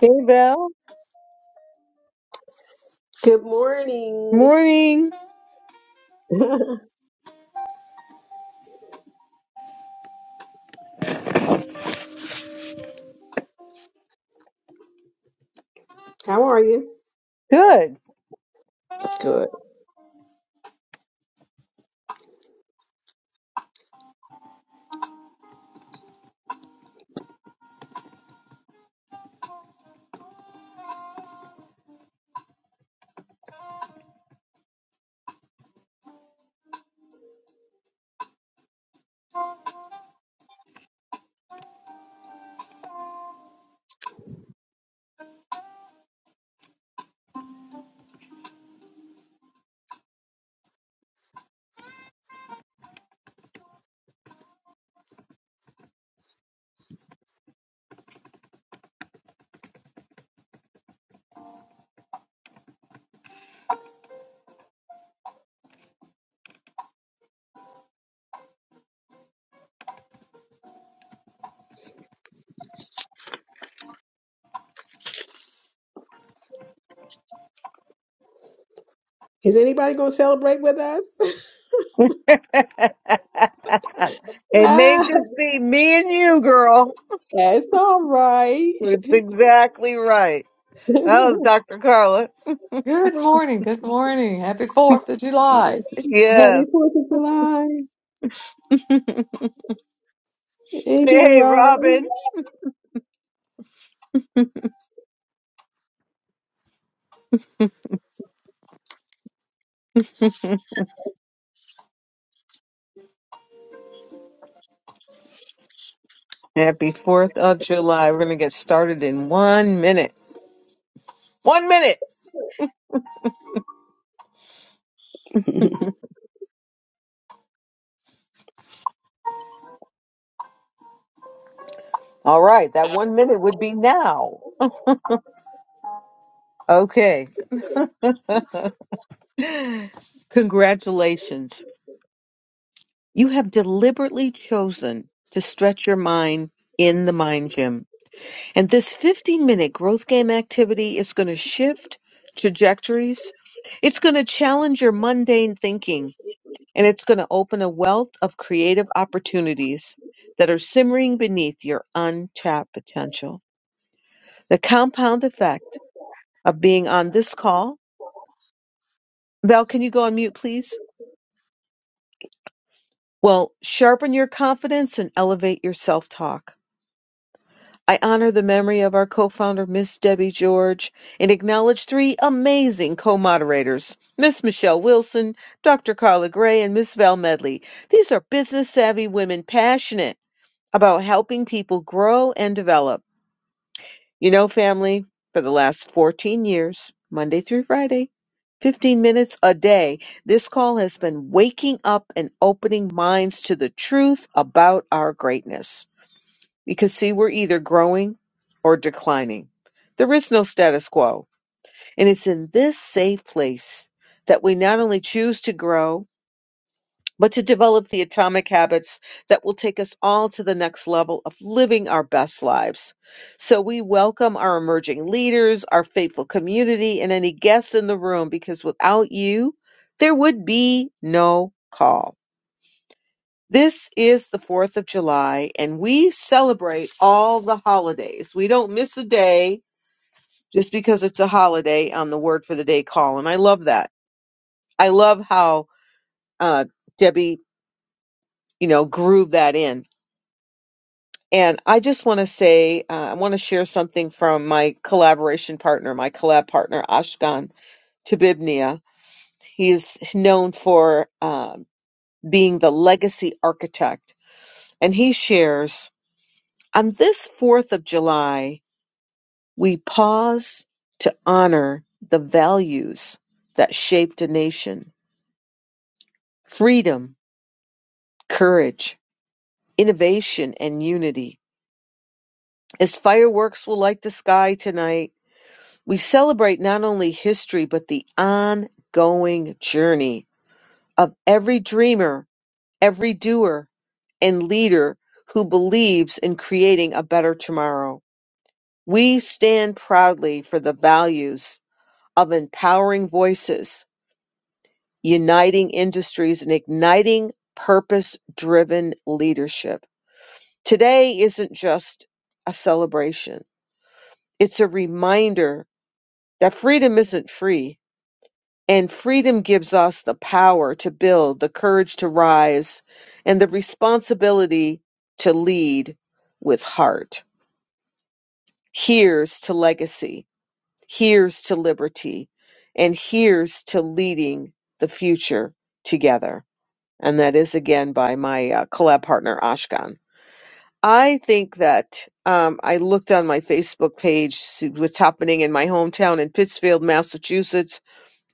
Hey, Val. Good morning. Morning. How are you? Good. Good. Is anybody going to celebrate with us? it may ah, just be me and you, girl. that's all right. It's exactly right. Happy That was Dr. Carla. Good morning. Good morning. Happy 4th of July. Yes. 4th of July. Ain't it Hey, right? Robin. Happy 4th of July. We're going to get started in one minute. One minute. All right. That one minute would be now. Okay. Congratulations. You have deliberately chosen to stretch your mind in the mind gym. And this 15 minute growth game activity is going to shift trajectories. It's going to challenge your mundane thinking and it's going to open a wealth of creative opportunities that are simmering beneath your untapped potential. The compound effect of being on this call. Val, can you go on mute, please? Well, sharpen your confidence and elevate your self talk. I honor the memory of our co-founder, Miss Debbie George, and acknowledge three amazing co-moderators, Miss Michelle Wilson, Dr. Carla Gray, and Miss Val Medley. These are business-savvy women passionate about helping people grow and develop. You know, family, for the last 14 years, Monday through Friday, 15 minutes a day, this call has been waking up and opening minds to the truth about our greatness. We can see, we're either growing or declining. There is no status quo. And it's in this safe place that we not only choose to grow, but to develop the atomic habits that will take us all to the next level of living our best lives. So we welcome our emerging leaders, our faithful community, and any guests in the room because without you, there would be no call. This is the 4th of July, and we celebrate all the holidays. We don't miss a day just because it's a holiday on the Word for the Day column. I love that. I love how uh, Debbie, you know, grooved that in. And I just want to say, uh, I want to share something from my collaboration partner, my collab partner, Ashkan Tabibnia. He is known for uh, being the legacy architect, and he shares on this 4th of July. We pause to honor the values that shaped a nation freedom, courage, innovation, and unity. As fireworks will light the sky tonight, we celebrate not only history, but the ongoing journey of every dreamer, every doer, and leader who believes in creating a better tomorrow. We stand proudly for the values of empowering voices uniting industries and igniting purpose driven leadership. Today isn't just a celebration, it's a reminder that freedom isn't free, and freedom gives us the power to build, the courage to rise, and the responsibility to lead with heart. Here's to legacy, here's to liberty, and here's to leading the future together. and that is again by my uh, collab partner Ashkan. I think that um, I looked on my Facebook page see what's happening in my hometown in Pittsfield, Massachusetts,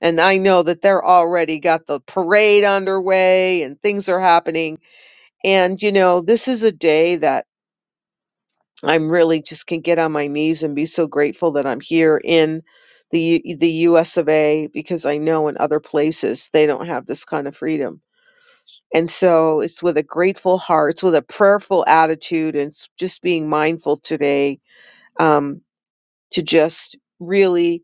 and I know that they're already got the parade underway and things are happening. And you know, this is a day that I'm really just can get on my knees and be so grateful that I'm here in the U- the U.S. of A. Because I know in other places they don't have this kind of freedom And so it's with a grateful heart, it's with a prayerful attitude, and it's just being mindful today um, to just really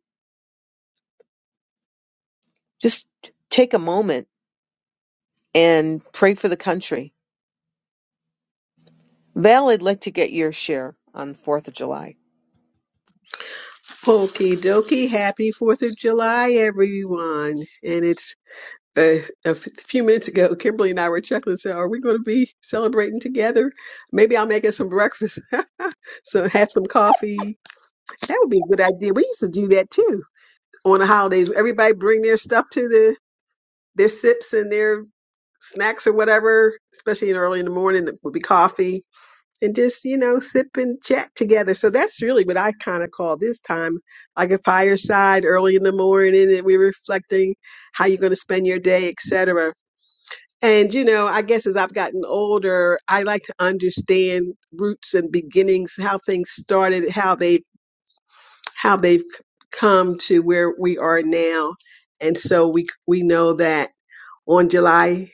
just take a moment and pray for the country. Val, I'd like to get your share on 4th of July. Okie dokie. Happy 4th of July, everyone. And it's uh, a f- few minutes ago, Kimberly and I were chuckling. and said, Are we going to be celebrating together? Maybe I'll make us some breakfast. so have some coffee. That would be a good idea. We used to do that too. on the holidays. Everybody bring their stuff to the their sips and their snacks or whatever, especially in early in the morning. It would be coffee and just you know sip and chat together. So that's really what I kind of call this time, like a fireside early in the morning, and we're reflecting how you're going to spend your day, etc. And you know, I guess as I've gotten older, I like to understand roots and beginnings, how things started, how they how they've c- come to where we are now. And so we we know that on July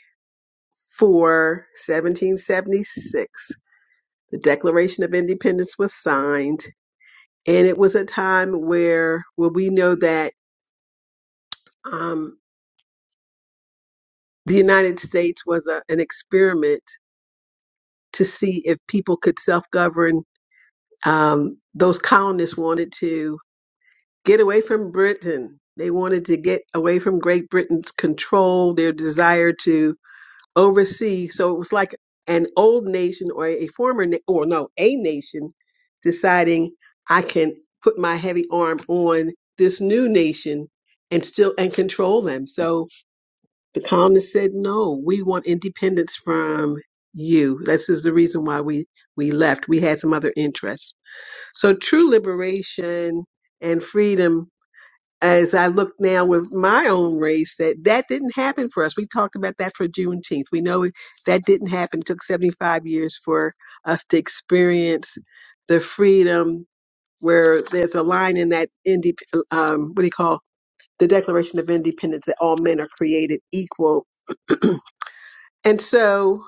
4, 1776, the Declaration of Independence was signed, and it was a time where where we know that um, the United States was a, an experiment to see if people could self-govern. Um, those colonists wanted to get away from Britain. They wanted to get away from Great Britain's control, their desire to oversee. So it was like an old nation or a former na- or no, a nation deciding I can put my heavy arm on this new nation and still and control them. So the colonists said, "No, we want independence from you." This is the reason why we we left. We had some other interests. So true liberation and freedom as I look now with my own race, that that didn't happen for us. We talked about that for Juneteenth. We know it- that didn't happen. It took 75 years for us to experience the freedom where there's a line in that, indep- um, what do you call, the Declaration of Independence that all men are created equal and so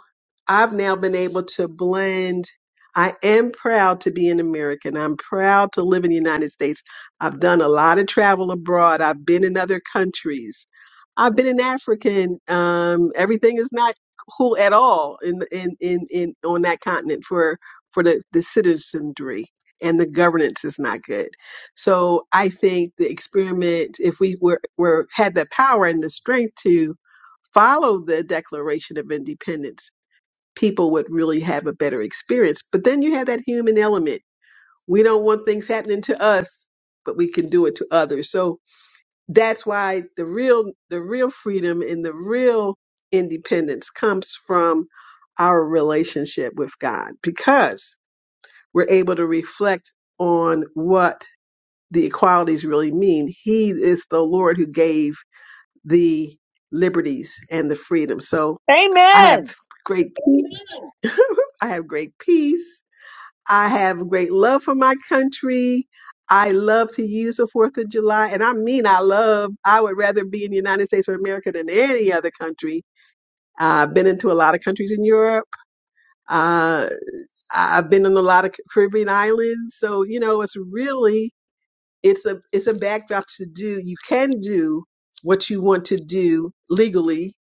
I've now been able to blend. I am proud to be an American. I'm proud to live in the United States. I've done a lot of travel abroad. I've been in other countries. I've been in African. Um, everything is not cool at all in in in, in on that continent for for the, the citizenry and the governance is not good. So I think the experiment, if we were, were had the power and the strength to follow the Declaration of Independence, people would really have a better experience. But then you have that human element. We don't want things happening to us, but we can do it to others. So that's why the real the real freedom and the real independence comes from our relationship with God because we're able to reflect on what the equalities really mean. He is the Lord who gave the liberties and the freedom. So I have And great peace. I have great peace. I have great love for my country. I love to use the Fourth of July, and I mean, I love. I would rather be in the United States of America than any other country. Uh, I've been into a lot of countries in Europe. Uh, I've been in a lot of Caribbean islands, so you know, it's really it's a it's a backdrop to do. You can do what you want to do legally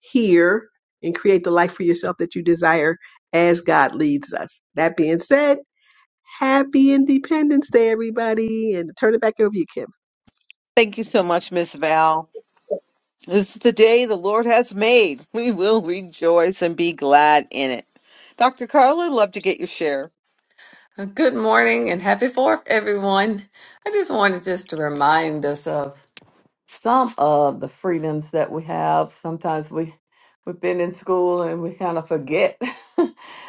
hear, and create the life for yourself that you desire as God leads us. That being said, happy Independence Day, everybody, and turn it back over to you, Kim. thank you so much, Miss Val. This is the day the Lord has made. We will rejoice and be glad in it. Dr. Carla, love to get your share. Uh, Good morning and happy 4th, everyone. I just wanted just to remind us of some of the freedoms that we have. Sometimes we we've been in school and we kind of forget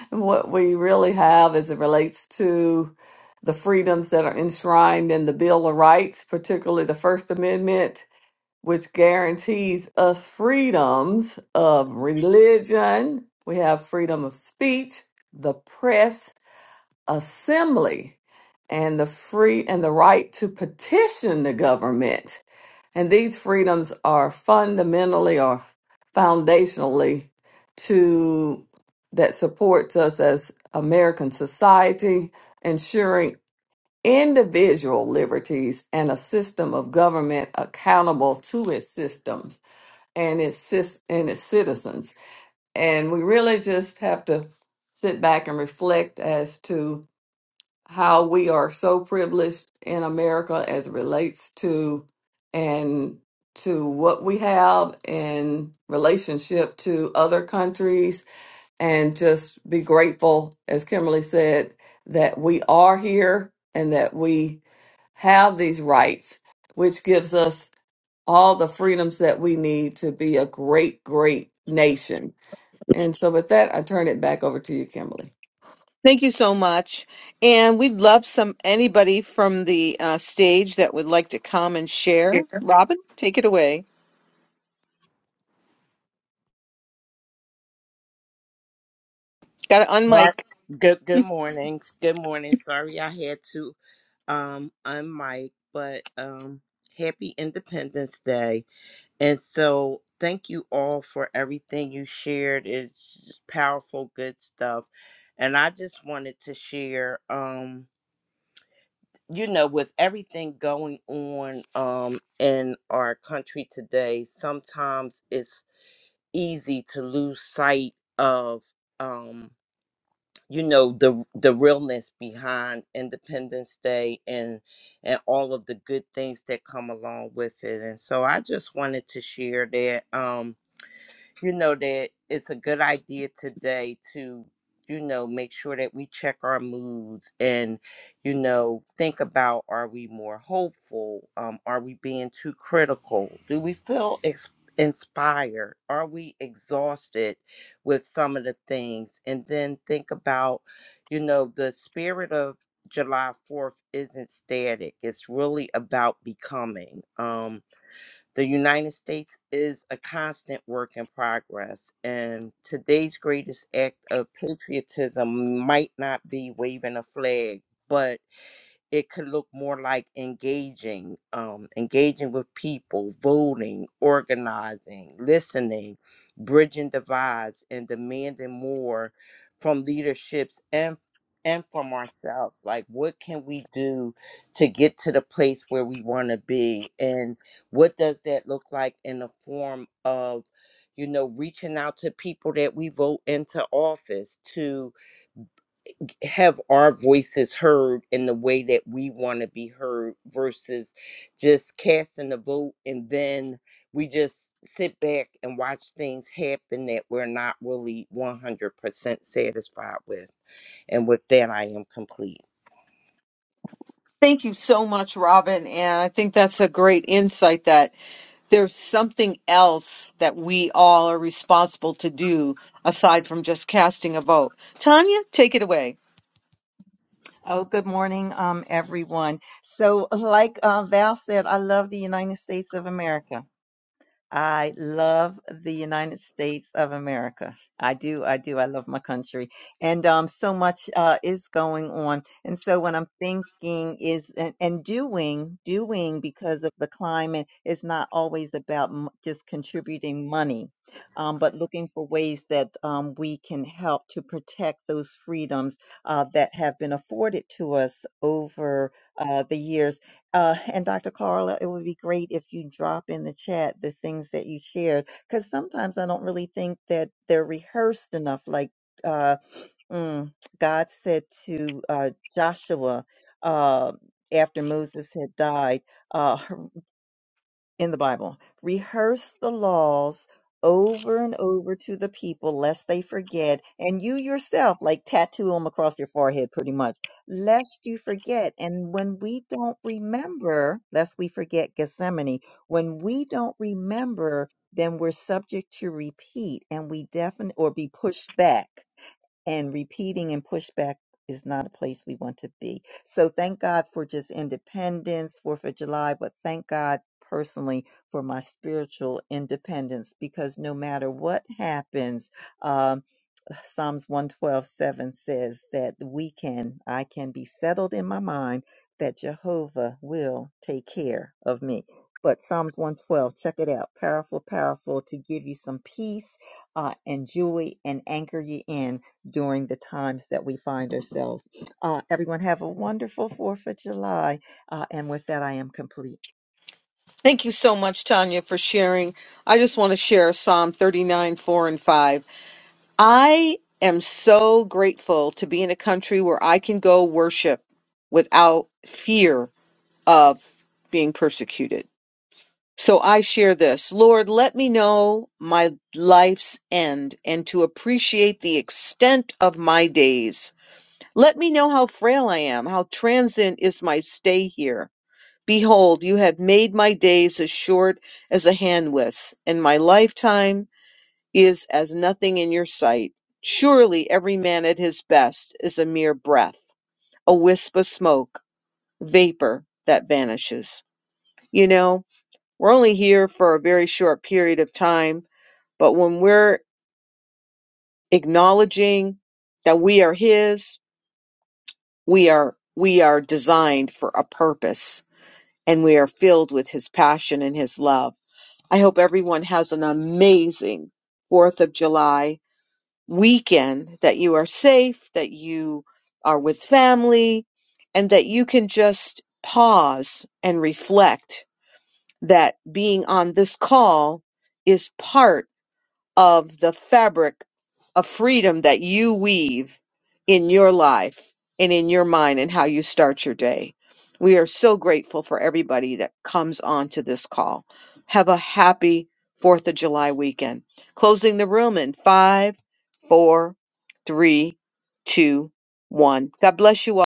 what we really have as it relates to the freedoms that are enshrined in the Bill of Rights, particularly the First Amendment which guarantees us freedoms of religion. We have freedom of speech, the press, assembly, and the free and the right to petition the government. And these freedoms are fundamentally or foundationally to that supports us as American society, ensuring individual liberties and a system of government accountable to its system and its cis- and its citizens. And we really just have to sit back and reflect as to how we are so privileged in America as it relates to and to what we have in relationship to other countries and just be grateful as Kimberly said that we are here and that we have these rights which gives us all the freedoms that we need to be a great, great nation. And so, with that, I turn it back over to you, Kimberly. Thank you so much. And we'd love some anybody from the uh, stage that would like to come and share. Robin, take it away. Got to Sorry. unmic. Good good morning. Good morning. Sorry I had to um unmic, but um happy Independence Day. And so thank you all for everything you shared. It's just powerful good stuff. And I just wanted to share um you know with everything going on um in our country today, sometimes it's easy to lose sight of um you know the the realness behind Independence Day and and all of the good things that come along with it. And so I just wanted to share that. Um, you know that it's a good idea today to you know make sure that we check our moods and you know think about are we more hopeful um are we being too critical do we feel ex- inspired are we exhausted with some of the things and then think about you know the spirit of july 4th isn't static it's really about becoming Um. The United States is a constant work in progress, and today's greatest act of patriotism might not be waving a flag, but it could look more like engaging, um, engaging with people, voting, organizing, listening, bridging divides, and demanding more from leaderships and and from ourselves. Like, what can we do to get to the place where we want to be, and what does that look like in the form of, you know, reaching out to people that we vote into office to have our voices heard in the way that we want to be heard versus just casting a vote and then we just sit back and watch things happen that we're not really 100% satisfied with. And with that, I am complete. Thank you so much, Robin. And I think that's a great insight that there's something else that we all are responsible to do aside from just casting a vote. Tanya, take it away. Oh, good morning, um, everyone. So, like uh, Val said, I love the United States of America. I love the United States of America. I do. I do. I love my country. And um, so much uh, is going on. And so what I'm thinking is, and, and doing, doing because of the climate is not always about m- just contributing money, um, but looking for ways that um, we can help to protect those freedoms uh, that have been afforded to us over uh, the years uh, and Dr. Carla, it would be great if you drop in the chat the things that you shared, because sometimes I don't really think that they're rehearsed enough. Like uh, mm, God said to uh, Joshua uh, after Moses had died, uh, in the Bible. Rehearse the laws over and over to the people, lest they forget. And you yourself, like tattoo them across your forehead, pretty much, lest you forget. And when we don't remember, lest we forget Gethsemane, when we don't remember, then we're subject to repeat and we definitely or be pushed back and repeating and pushback is not a place we want to be. So thank God for just independence, Fourth of July, but thank God personally for my spiritual independence because no matter what happens, um, Psalms 112:7 says that we can, I can be settled in my mind that Jehovah will take care of me. But Psalms 112, check it out. Powerful, powerful to give you some peace uh, and joy and anchor you in during the times that we find ourselves. Uh, everyone have a wonderful 4th of July. Uh, and with that, I am complete. Thank you so much, Tanya, for sharing. I just want to share Psalm 39, 4, and 5. I am so grateful to be in a country where I can go worship without fear of being persecuted. So I share this Lord, let me know my life's end and to appreciate the extent of my days. Let me know how frail I am, how transient is my stay here. Behold, you have made my days as short as a hand and my lifetime is as nothing in your sight. Surely every man at his best is a mere breath, a wisp of smoke, vapor that vanishes. You know, we're only here for a very short period of time, but when we're acknowledging that we are his, we are we are designed for a purpose and we are filled with his passion and his love I hope everyone has an amazing 4th of July weekend, that you are safe, that you are with family, and that you can just pause and reflect that being on this call is part of the fabric of freedom that you weave in your life and in your mind and how you start your day. We are so grateful for everybody that comes onto this call. Have a happy 4th of July weekend. Closing the room in five, four, three, two, one. God bless you all.